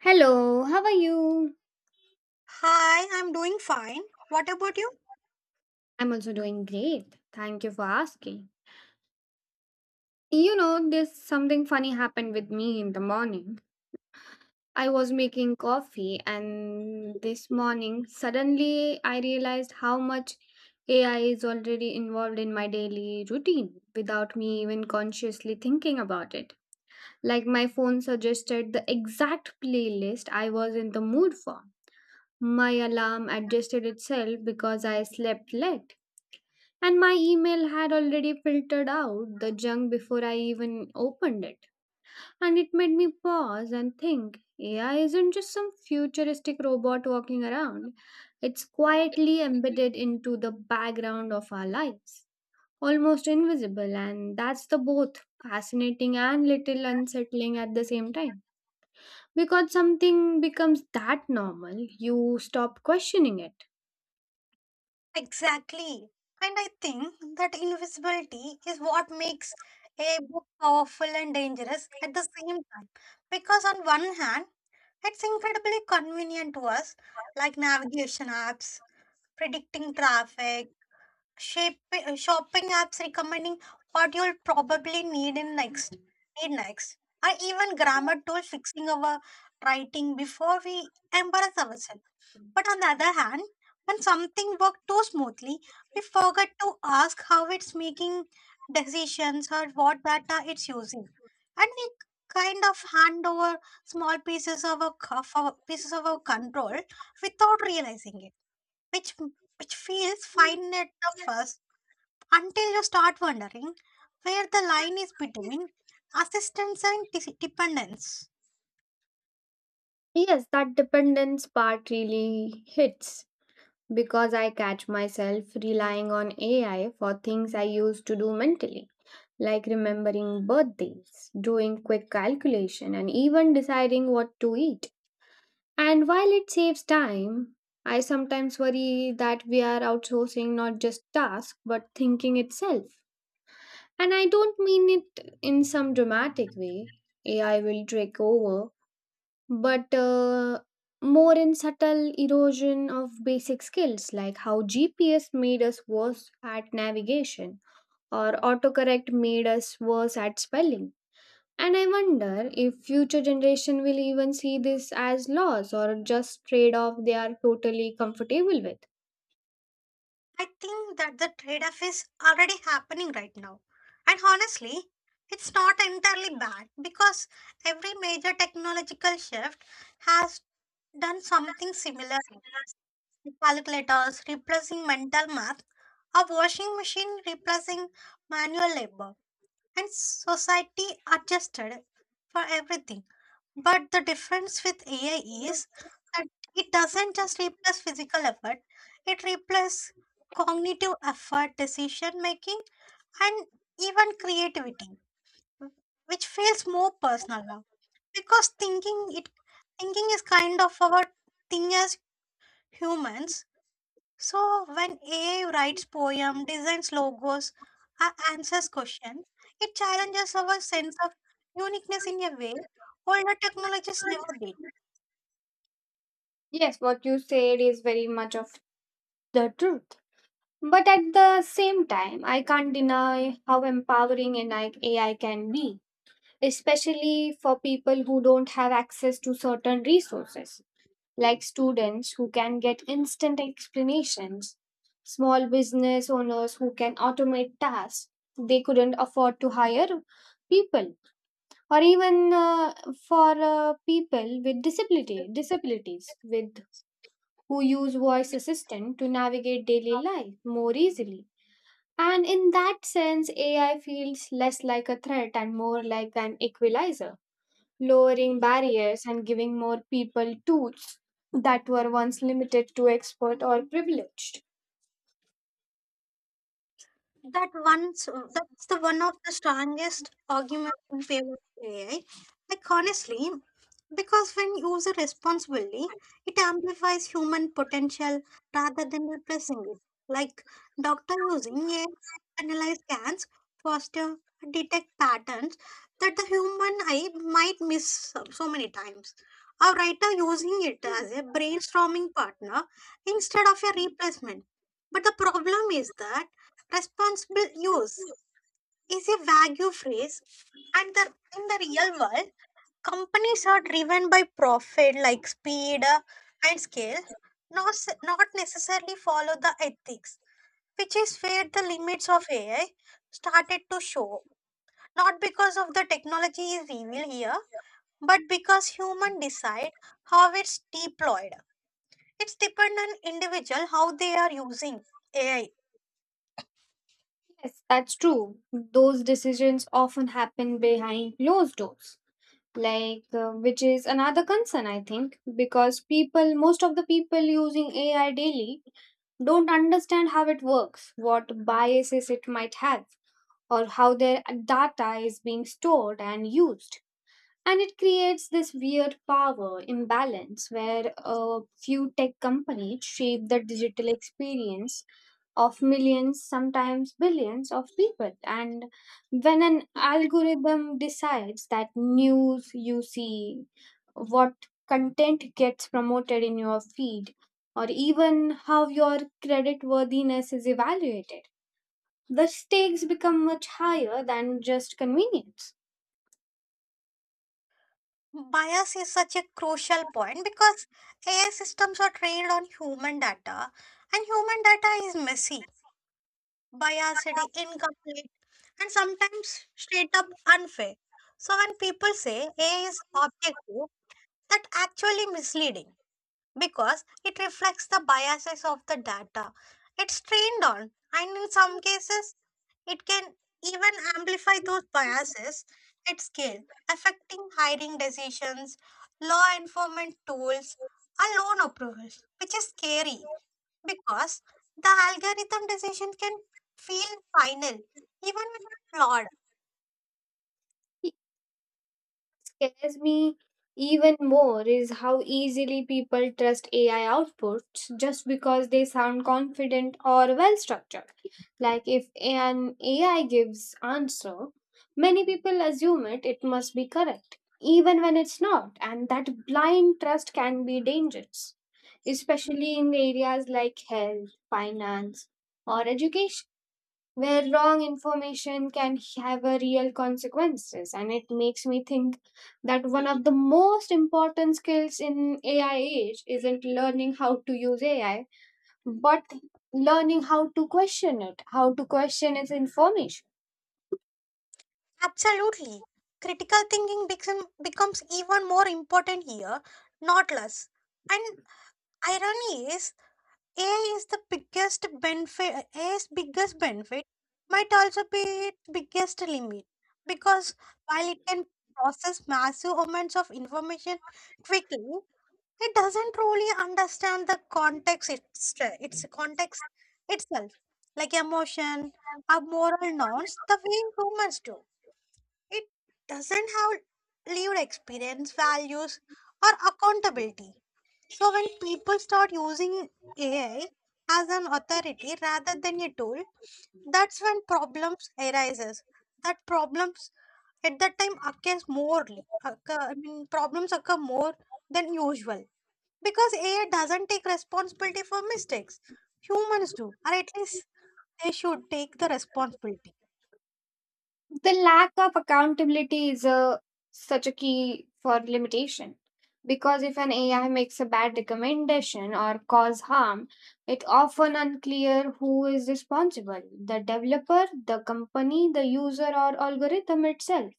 Hello, how are you? Hi, I'm doing fine. What about you? I'm also doing great. Thank you for asking. You know, there's something funny happened with me in the morning. I was making coffee, and this morning, suddenly I realized how much AI is already involved in my daily routine without me even consciously thinking about it. Like, my phone suggested the exact playlist I was in the mood for. My alarm adjusted itself because I slept late. And my email had already filtered out the junk before I even opened it. And it made me pause and think AI isn't just some futuristic robot walking around, it's quietly embedded into the background of our lives, almost invisible. And that's the both fascinating and little unsettling at the same time. Because something becomes that normal, you stop questioning it. Exactly. And I think that invisibility is what makes a book powerful and dangerous at the same time. Because, on one hand, it's incredibly convenient to us, like navigation apps, predicting traffic, shopping apps recommending what you'll probably need next, or even grammar tools fixing our writing before we embarrass ourselves. But on the other hand, when something worked too smoothly, we forget to ask how it's making decisions or what data it's using. And we kind of hand over small pieces of our, c- of our pieces of our control without realizing it, which which feels fine at the first until you start wondering where the line is between assistance and dependence. Yes, that dependence part really hits because I catch myself relying on AI for things I used to do mentally, like remembering birthdays, doing quick calculation, and even deciding what to eat. And while it saves time, I sometimes worry that we are outsourcing not just task but thinking itself. And I don't mean it in some dramatic way. AI will take over, but more in subtle erosion of basic skills, like how GPS made us worse at navigation or autocorrect made us worse at spelling. And I wonder if future generation will even see this as loss or just trade off they are totally comfortable with. I think that the trade off is already happening right now. And honestly, it's not entirely bad because every major technological shift has done something similar. Calculators replacing mental math, a washing machine replacing manual labor, and society adjusted for everything. But the difference with AI is that it doesn't just replace physical effort, it replaces cognitive effort, decision making, and even creativity, which feels more personal now. Because thinking is kind of our thing as humans. So when AI writes poem, designs logos, answers questions, it challenges our sense of uniqueness in a way older technologies never did. Yes, what you said is very much of the truth. But at the same time, I can't deny how empowering AI can be, especially for people who don't have access to certain resources, like students who can get instant explanations, small business owners who can automate tasks they couldn't afford to hire people, or even for people with disability disabilities with who use voice assistant to navigate daily life more easily. And in that sense, AI feels less like a threat and more like an equalizer, lowering barriers and giving more people tools that were once limited to expert or privileged. that once that's the one of the strongest arguments in favor of AI. Like honestly, because when used responsibly, it amplifies human potential rather than replacing it. Like doctor using AI to analyze scans, foster detect patterns that the human eye might miss so many times. A writer using it as a brainstorming partner instead of a replacement. But the problem is that responsible use is a vague phrase, and in the real world, companies are driven by profit like speed and scale, not necessarily follow the ethics, which is where the limits of AI started to show. Not because of the technology is evil here, but because human decide how it's deployed. It's dependent on individual how they are using AI. Yes, that's true. Those decisions often happen behind closed doors, which is another concern I think, because people, most of the people using AI daily, don't understand how it works, what biases it might have, or how their data is being stored and used. And it creates this weird power imbalance where a few tech companies shape the digital experience of millions, sometimes billions of people. And when an algorithm decides that news you see, what content gets promoted in your feed, or even how your credit worthiness is evaluated, the stakes become much higher than just convenience. Bias is such a crucial point because AI systems are trained on human data, and human data is messy, biased, incomplete, and sometimes straight up unfair. So, when people say AI is objective, that actually misleading because it reflects the biases of the data it's trained on, and in some cases, it can even amplify those biases at scale, affecting hiring decisions, law enforcement tools, and loan approvals, which is scary because the algorithm decision can feel final even when flawed. Scares me even more is how easily people trust AI outputs just because they sound confident or well structured. Like if an AI gives answer, many people assume it must be correct even when it's not. And that blind trust can be dangerous, especially in areas like health, finance or education, where wrong information can have a real consequences. And it makes me think that one of the most important skills in AI age isn't learning how to use AI, but learning how to question it, how to question its information. Absolutely. Critical thinking becomes even more important here, not less. And irony is A is the biggest benefit. A's biggest benefit might also be its biggest limit because while it can process massive amounts of information quickly, it doesn't really understand its context itself, like emotion or moral norms, the way humans do. It doesn't have lived experience, values, or accountability. So when people start using AI as an authority rather than a tool, that's when problems arises. That problems at that time occurs morely. Occur, I mean, Problems occur more than usual because AI doesn't take responsibility for mistakes. Humans do, or at least they should take the responsibility. The lack of accountability is a such a key for limitation, because if an AI makes a bad recommendation or cause harm, it often unclear who is responsible: the developer, the company, the user, or algorithm itself.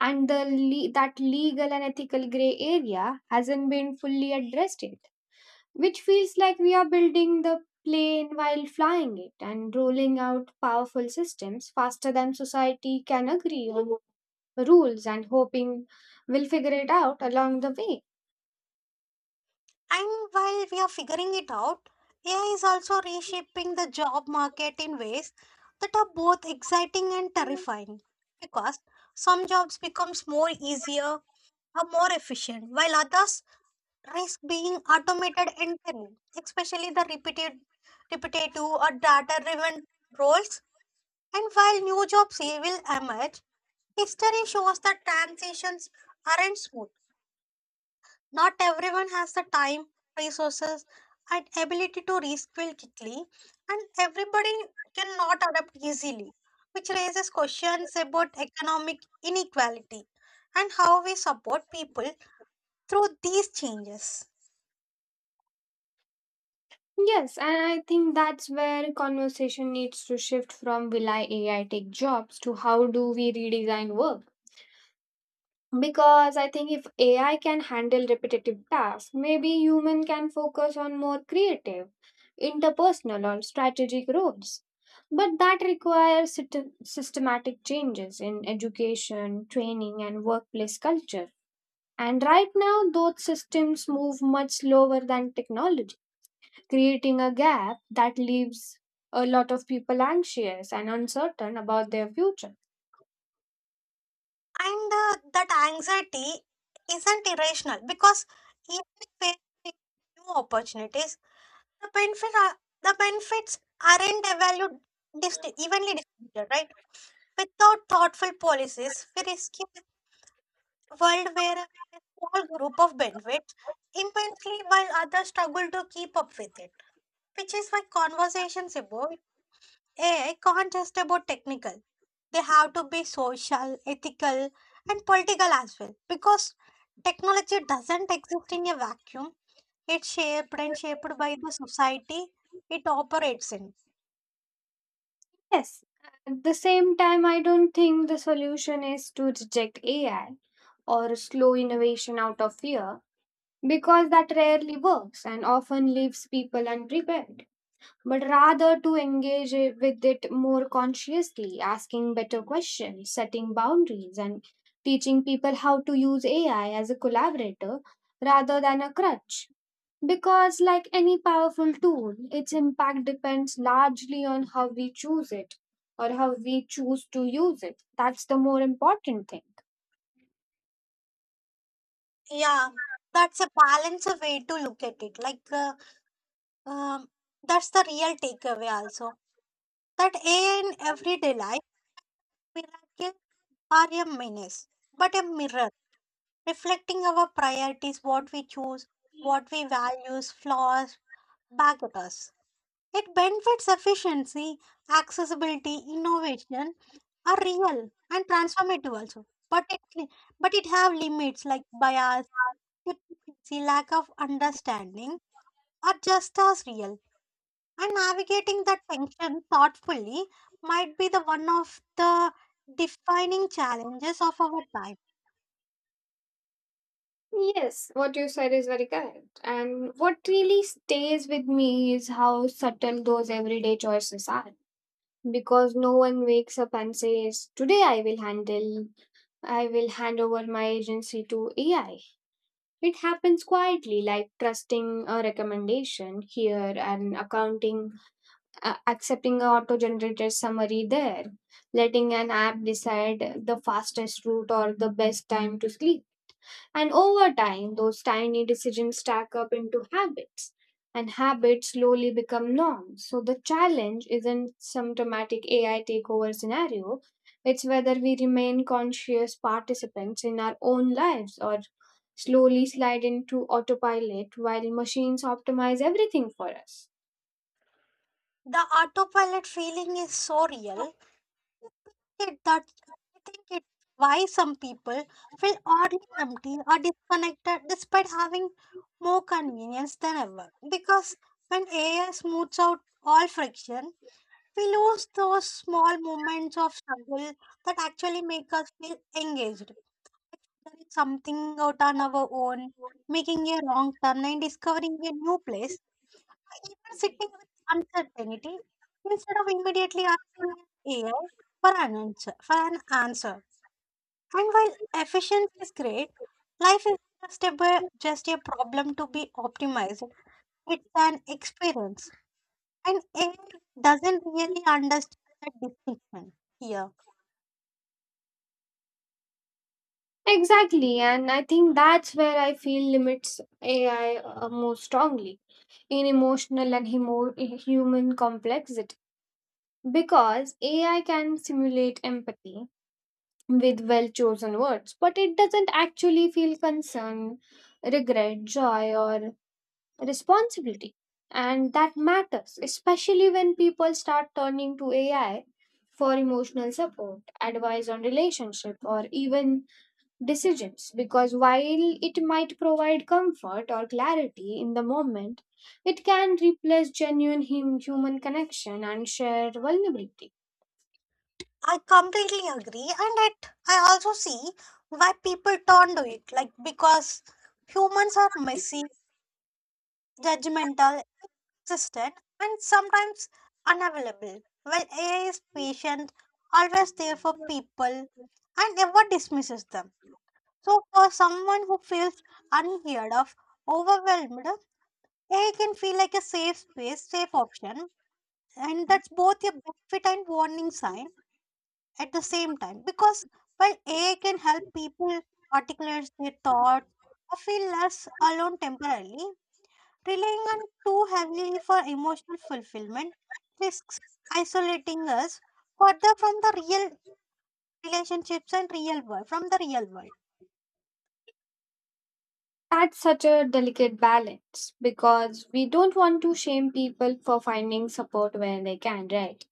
And that legal and ethical gray area hasn't been fully addressed yet, which feels like we are building the plane while flying it, and rolling out powerful systems faster than society can agree on rules, and hoping we'll figure it out along the way. And while we are figuring it out, AI is also reshaping the job market in ways that are both exciting and terrifying. Because some jobs becomes more easier or more efficient, while others risk being automated entirely, especially the repetitive or data-driven roles. And while new jobs will emerge, history shows that transitions aren't smooth not everyone has the time, resources, and ability to reskill quickly, and everybody cannot adapt easily, which raises questions about economic inequality and how we support people through these changes. Yes, and I think that's where conversation needs to shift from will I AI take jobs to how do we redesign work? Because I think if AI can handle repetitive tasks, maybe human can focus on more creative, interpersonal or strategic roles. But that requires systematic changes in education, training and workplace culture. And right now, those systems move much slower than technology, creating a gap that leaves a lot of people anxious and uncertain about their future. And that anxiety isn't irrational because even if we new opportunities, the benefits are, the benefits aren't evaluated evenly distributed, right? Without thoughtful policies, we risk a world where a small group of benefits immensely while others struggle to keep up with it. Which is why conversations about AI can't just about technical. They have to be social, ethical, and political as well. Because technology doesn't exist in a vacuum. It's shaped by the society it operates in. Yes, at the same time, I don't think the solution is to reject AI or slow innovation out of fear, because that rarely works and often leaves people unprepared. But rather to with it more consciously, asking better questions, setting boundaries, and teaching people how to use AI as a collaborator rather than a crutch. Because, like any powerful tool, its impact depends largely on how we choose it, or how we choose to use it. That's the more important thing. Yeah, that's a balance of way to look at it. Um, that's the real takeaway also. That in everyday life, miracles are a menace, but a mirror reflecting our priorities, what we choose, what we values, flaws back at us. It benefits efficiency, accessibility, innovation are real and transformative also. But it have limits like bias, hypocrisy, lack of understanding are just as real. And navigating that tension thoughtfully might be the one of the defining challenges of our time. Yes, what you said is very correct. And what really stays with me is how subtle those everyday choices are. Because no one wakes up and says, "Today I will handle, I will hand over my agency to AI." It happens quietly, like trusting a recommendation here and accounting accepting a auto-generated summary there, letting an app decide the fastest route or the best time to sleep. And over time, those tiny decisions stack up into habits, and habits slowly become norms. So the challenge isn't some dramatic AI takeover scenario. It's whether we remain conscious participants in our own lives or slowly slide into autopilot while machines optimize everything for us. The autopilot feeling is so real it that I think it why some people feel oddly empty or disconnected despite having more convenience than ever. Because when AI smooths out all friction, we lose those small moments of struggle that actually make us feel engaged. Exploring something out on our own, making a wrong turn and discovering a new place you are sitting with uncertainty instead of immediately asking AI for an answer. And while efficiency is great, life is just a problem to be optimized. It's an experience. And AI doesn't really understand that distinction here. Exactly, and I think that's where I feel limits AI most strongly, in emotional and human complexity. Because AI can simulate empathy with well chosen words, but it doesn't actually feel concern, regret, joy, or responsibility. And that matters, especially when people start turning to AI for emotional support, advice on relationship, or even decisions, because while it might provide comfort or clarity in the moment, it can replace genuine human connection and shared vulnerability. I completely agree, and I also see why people turn to it. Like because humans are messy, judgmental, consistent, and sometimes unavailable, while AI is patient, always there for people, and never dismisses them. So, for someone who feels unheard of, overwhelmed, AI can feel like a safe option, and that's both a benefit and warning sign at the same time. Because while AI can help people articulate their thoughts, or feel less alone temporarily, relying on too heavily for emotional fulfillment risks isolating us further from the real relationships and from the real world. That's such a delicate balance, because we don't want to shame people for finding support where they can, right?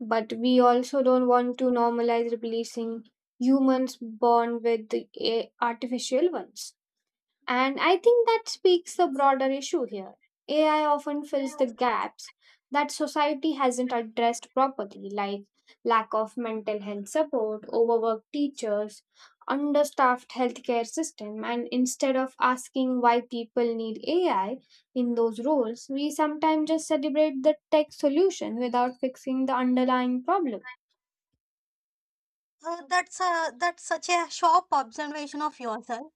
But we also don't want to normalize replacing humans born with the artificial ones. And I think that speaks the broader issue here. AI often fills the gaps that society hasn't addressed properly, like lack of mental health support, overworked teachers, understaffed healthcare system. And instead of asking why people need AI in those roles, we sometimes just celebrate the tech solution without fixing the underlying problem. That's such a sharp observation of yourself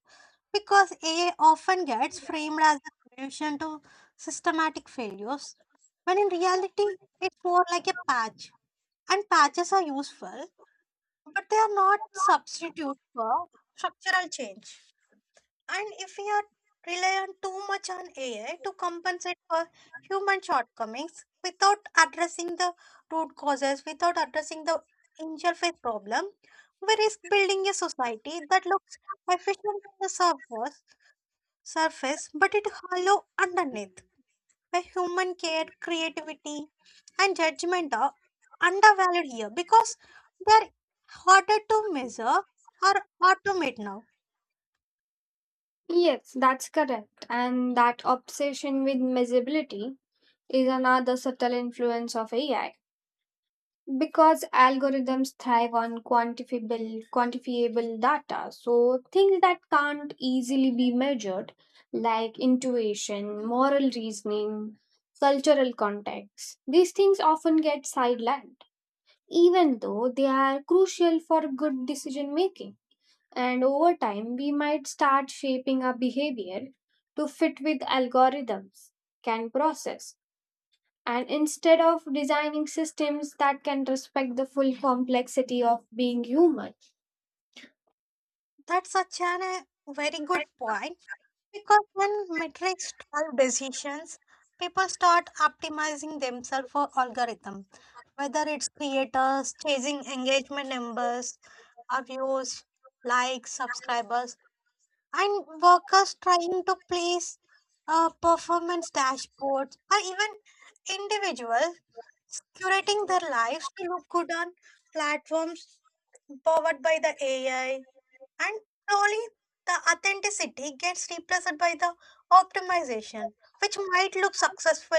because A often gets framed as a solution to systematic failures when in reality it's more like a patch and patches are useful but they are not substitute for structural change. And if we are reliant too much on AI to compensate for human shortcomings without addressing the root causes, without addressing the interface problem, we risk building a society that looks efficient on the surface but it hollow underneath, where human care, creativity, and judgment are undervalued here because they're harder to measure or automate now. Yes, that's correct. And that obsession with measurability is another subtle influence of AI, because algorithms thrive on quantifiable data. So, things that can't easily be measured, like intuition, moral reasoning, cultural context, these things often get sidelined, even though they are crucial for good decision making. And over time, we might start shaping our behavior to fit with algorithms can process, and instead of designing systems that can respect the full complexity of being human. That's such an, a very good point because when metrics drive decisions, people start optimizing themselves for algorithm, whether it's creators chasing engagement numbers, or views, likes, subscribers, and workers trying to please performance dashboards, or even individuals curating their lives to look good on platforms powered by the AI. And slowly, the authenticity gets replaced by the optimization, which might look successful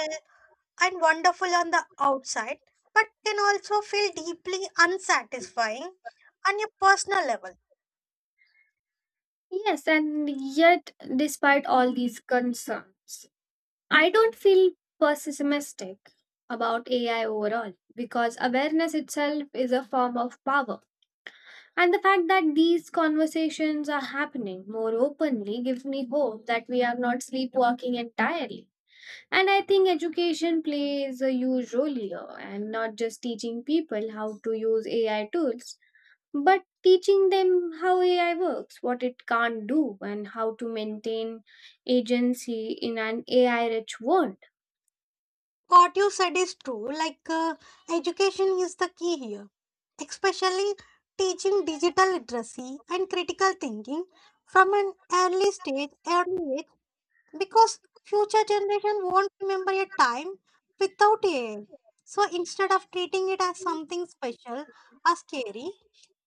and wonderful on the outside, but can also feel deeply unsatisfying on a personal level. Yes, and yet, despite all these concerns, I don't feel pessimistic about AI overall, because awareness itself is a form of power. And the fact that these conversations are happening more openly gives me hope that we are not sleepwalking entirely. And I think education plays a huge role here, and not just teaching people how to use AI tools, but teaching them how AI works, what it can't do, and how to maintain agency in an AI rich world. What you said is true, education is the key here, especially teaching digital literacy and critical thinking from an early age because future generation won't remember a time without AI. So instead of treating it as something special or scary,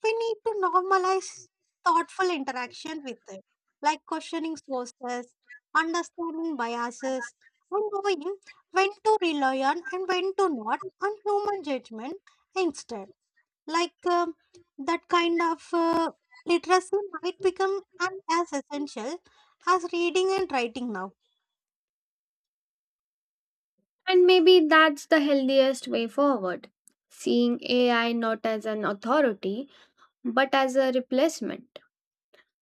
we need to normalize thoughtful interaction with it, like questioning sources, understanding biases, and knowing when to rely on and when to not on human judgment instead. Like that kind of literacy might become as essential as reading and writing now. And maybe that's the healthiest way forward, seeing AI not as an authority, but as a replacement.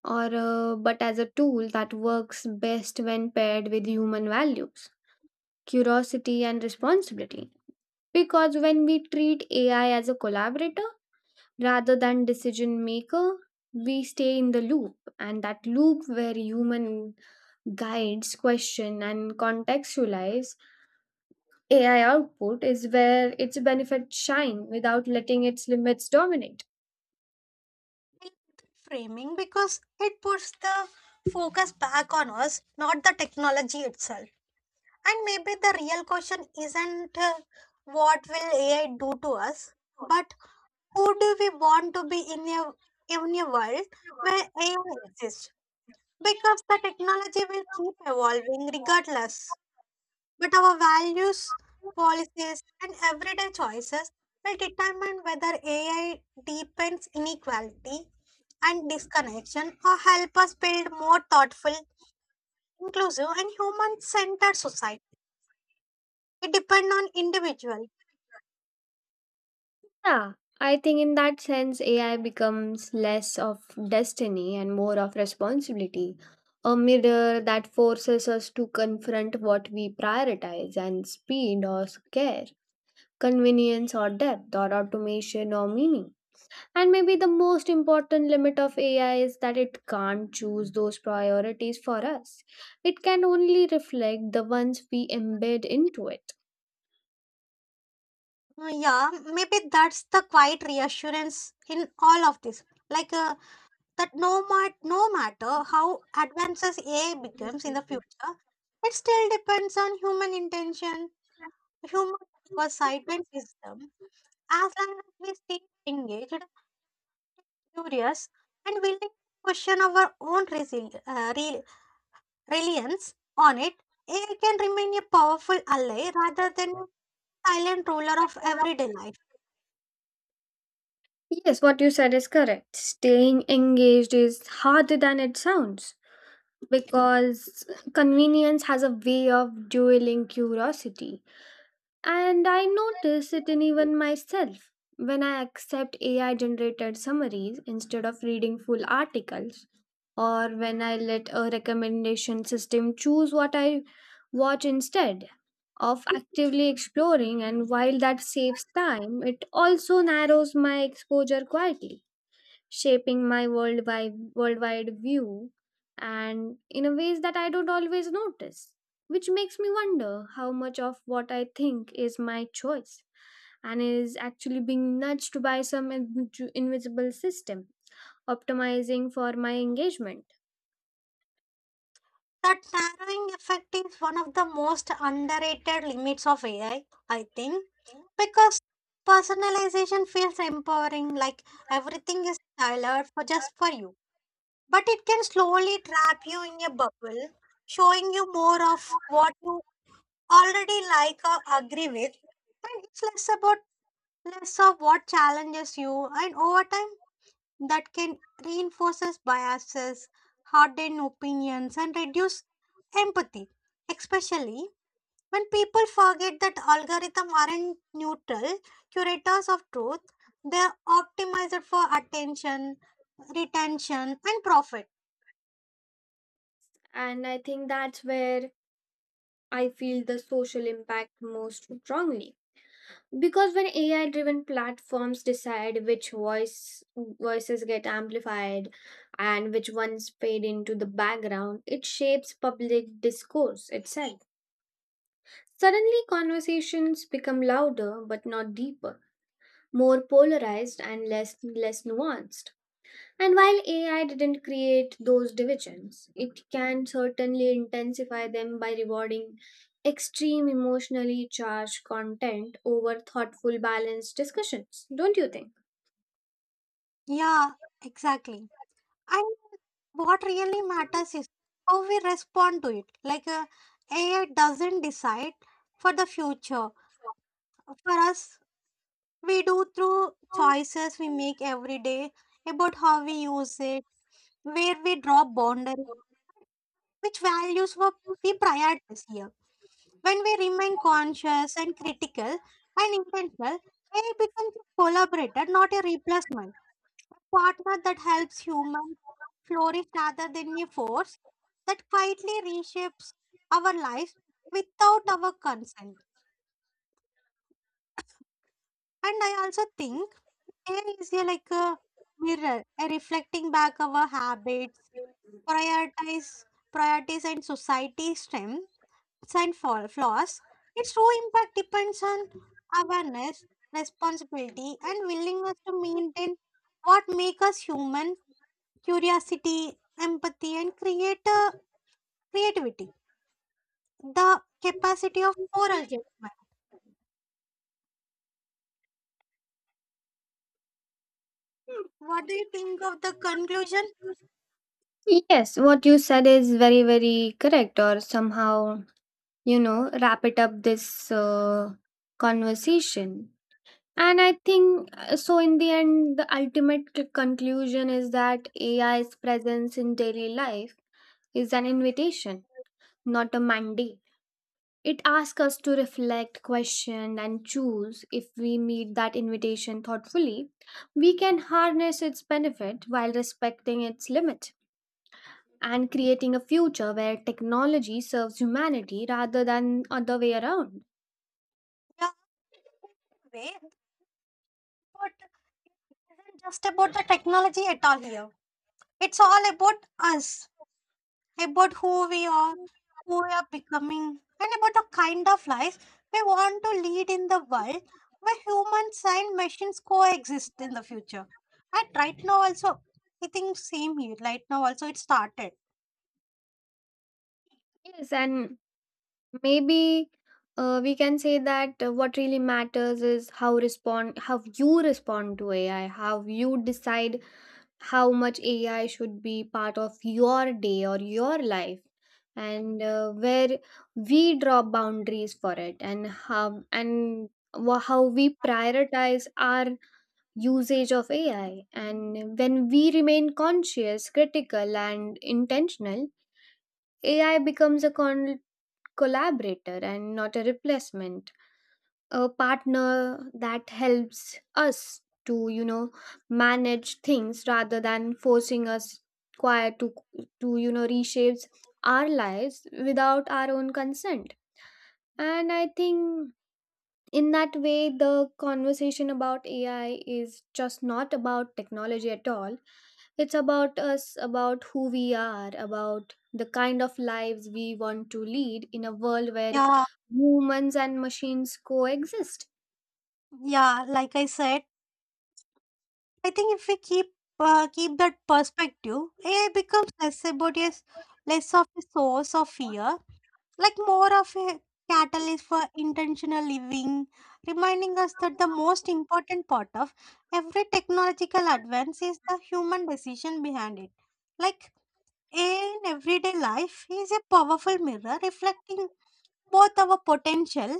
Or But as a tool that works best when paired with human values, curiosity, and responsibility. Because when we treat AI as a collaborator rather than decision maker, we stay in the loop, and that loop where human guides, question, and contextualize AI output is where its benefits shine without letting its limits dominate. I like that framing because it puts the focus back on us, not the technology itself. And maybe the real question isn't what will AI do to us, but who do we want to be in a world where AI exists? Because the technology will keep evolving regardless, but our values, policies, and everyday choices will determine whether AI deepens inequality and disconnection or help us build more thoughtful, inclusive, and human centered society. It depends on individual. Yeah, I think in that sense, AI becomes less of destiny and more of responsibility, a mirror that forces us to confront what we prioritize, and speed or care, convenience or depth, or automation or meaning. And maybe the most important limit of AI is that it can't choose those priorities for us. It can only reflect the ones we embed into it. Yeah, maybe that's the quiet reassurance in all of this. Like that, no, mat- No matter how advances AI becomes in the future, it still depends on human intention, human oversight, and wisdom as long as we stay engaged, curious, and willing to question our own reliance on it, AI can remain a powerful ally rather than a silent ruler of everyday life. Yes, what you said is correct. Staying engaged is harder than it sounds, because convenience has a way of dueling curiosity. And I notice it in even myself when I accept AI generated summaries instead of reading full articles, or when I let a recommendation system choose what I watch instead of actively exploring. And while that saves time, it also narrows my exposure, quietly shaping my worldwide view, and in a ways that I don't always notice, which makes me wonder how much of what I think is my choice and is actually being nudged by some invisible system optimizing for my engagement. That narrowing effect is one of the most underrated limits of AI, I think, because personalization feels empowering, like everything is tailored for just for you. But it can slowly trap you in a bubble, showing you more of what you already like or agree with, and it's less about less of what challenges you, and over time, that can reinforces biases, harden opinions, and reduce empathy, especially when people forget that algorithms aren't neutral curators of truth, they are optimized for attention, retention, and profit. And I think that's where I feel the social impact most strongly, because when AI driven platforms decide which voices get amplified and which ones fade into the background, it shapes public discourse itself. Suddenly conversations become louder but not deeper, more polarized and less nuanced. And while AI didn't create those divisions, it can certainly intensify them by rewarding extreme emotionally charged content over thoughtful, balanced discussions, don't you think? Yeah, exactly. And what really matters is how we respond to it. AI doesn't decide for the future for us, we do through choices we make every day about how we use it, where we draw boundaries, which values we prioritize here. When we remain conscious and critical and intentional, AI becomes a collaborator, not a replacement. A partner that helps humans flourish rather than a force that quietly reshapes our lives without our consent. And I also think Air is a- like a mirror, a reflecting back our habits, prioritize, priorities, and society strengths and flaws. Its true impact depends on awareness, responsibility, and willingness to maintain what makes us human: curiosity, empathy, and creator creativity. The capacity of moral judgment. What do you think of the conclusion? Yes, what you said is very, very correct, or somehow, you know, wrap it up this conversation. And I think so in the end, the ultimate conclusion is that AI's presence in daily life is an invitation, not a mandate. It asks us to reflect, question, and choose. If we meet that invitation thoughtfully, we can harness its benefit while respecting its limit, and creating a future where technology serves humanity rather than other way around. Yeah, way, isn't just about the technology at all here. It's all about us, about who we are becoming, and about the kind of life we want to lead in the world where humans and machines coexist in the future. And right now also, I think same here. Right now also, it started. Yes, and maybe we can say that what really matters is how respond, how you respond to AI, how you decide how much AI should be part of your day or your life, and where we draw boundaries for it, and how and how we prioritize our usage of AI. And when we remain conscious, critical, and intentional, AI becomes a collaborator and not a replacement, a partner that helps us to, you know, manage things rather than forcing us quiet to, you know, reshapes our lives without our own consent. And I think in that way the conversation about AI is just not about technology at all. It's about us, about who we are, about the kind of lives we want to lead in a world where Yeah, humans and machines coexist. yeah. Like I said, I think if we keep keep that perspective, AI becomes less of a source of fear like more of a catalyst for intentional living, reminding us that the most important part of every technological advance is the human decision behind it. Like in everyday life is a powerful mirror reflecting both our potential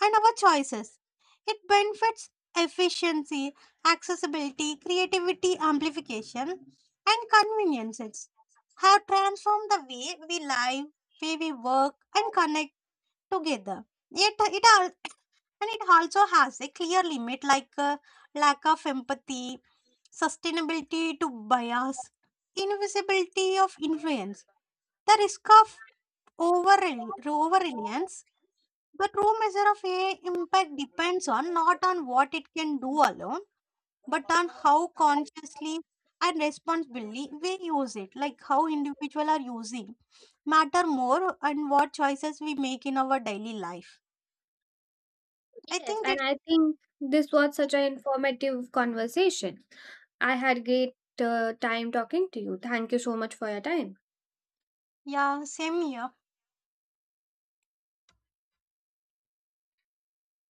and our choices. It benefits efficiency, accessibility, creativity, amplification, and conveniences. Have transformed the way we live, way we work, and connect together. Yet it al- and it also has a clear limit like lack of empathy, sustainability to bias, invisibility of influence, the risk of over over reliance. The true measure of a impact depends on not on what it can do alone, but on how consciously and responsibly we use it, like how individual are using matter more and what choices we make in our daily life. I Yes, think and that's I think this was such an informative conversation. I had great time talking to you. Thank you so much for your time. Ya, sevmiyor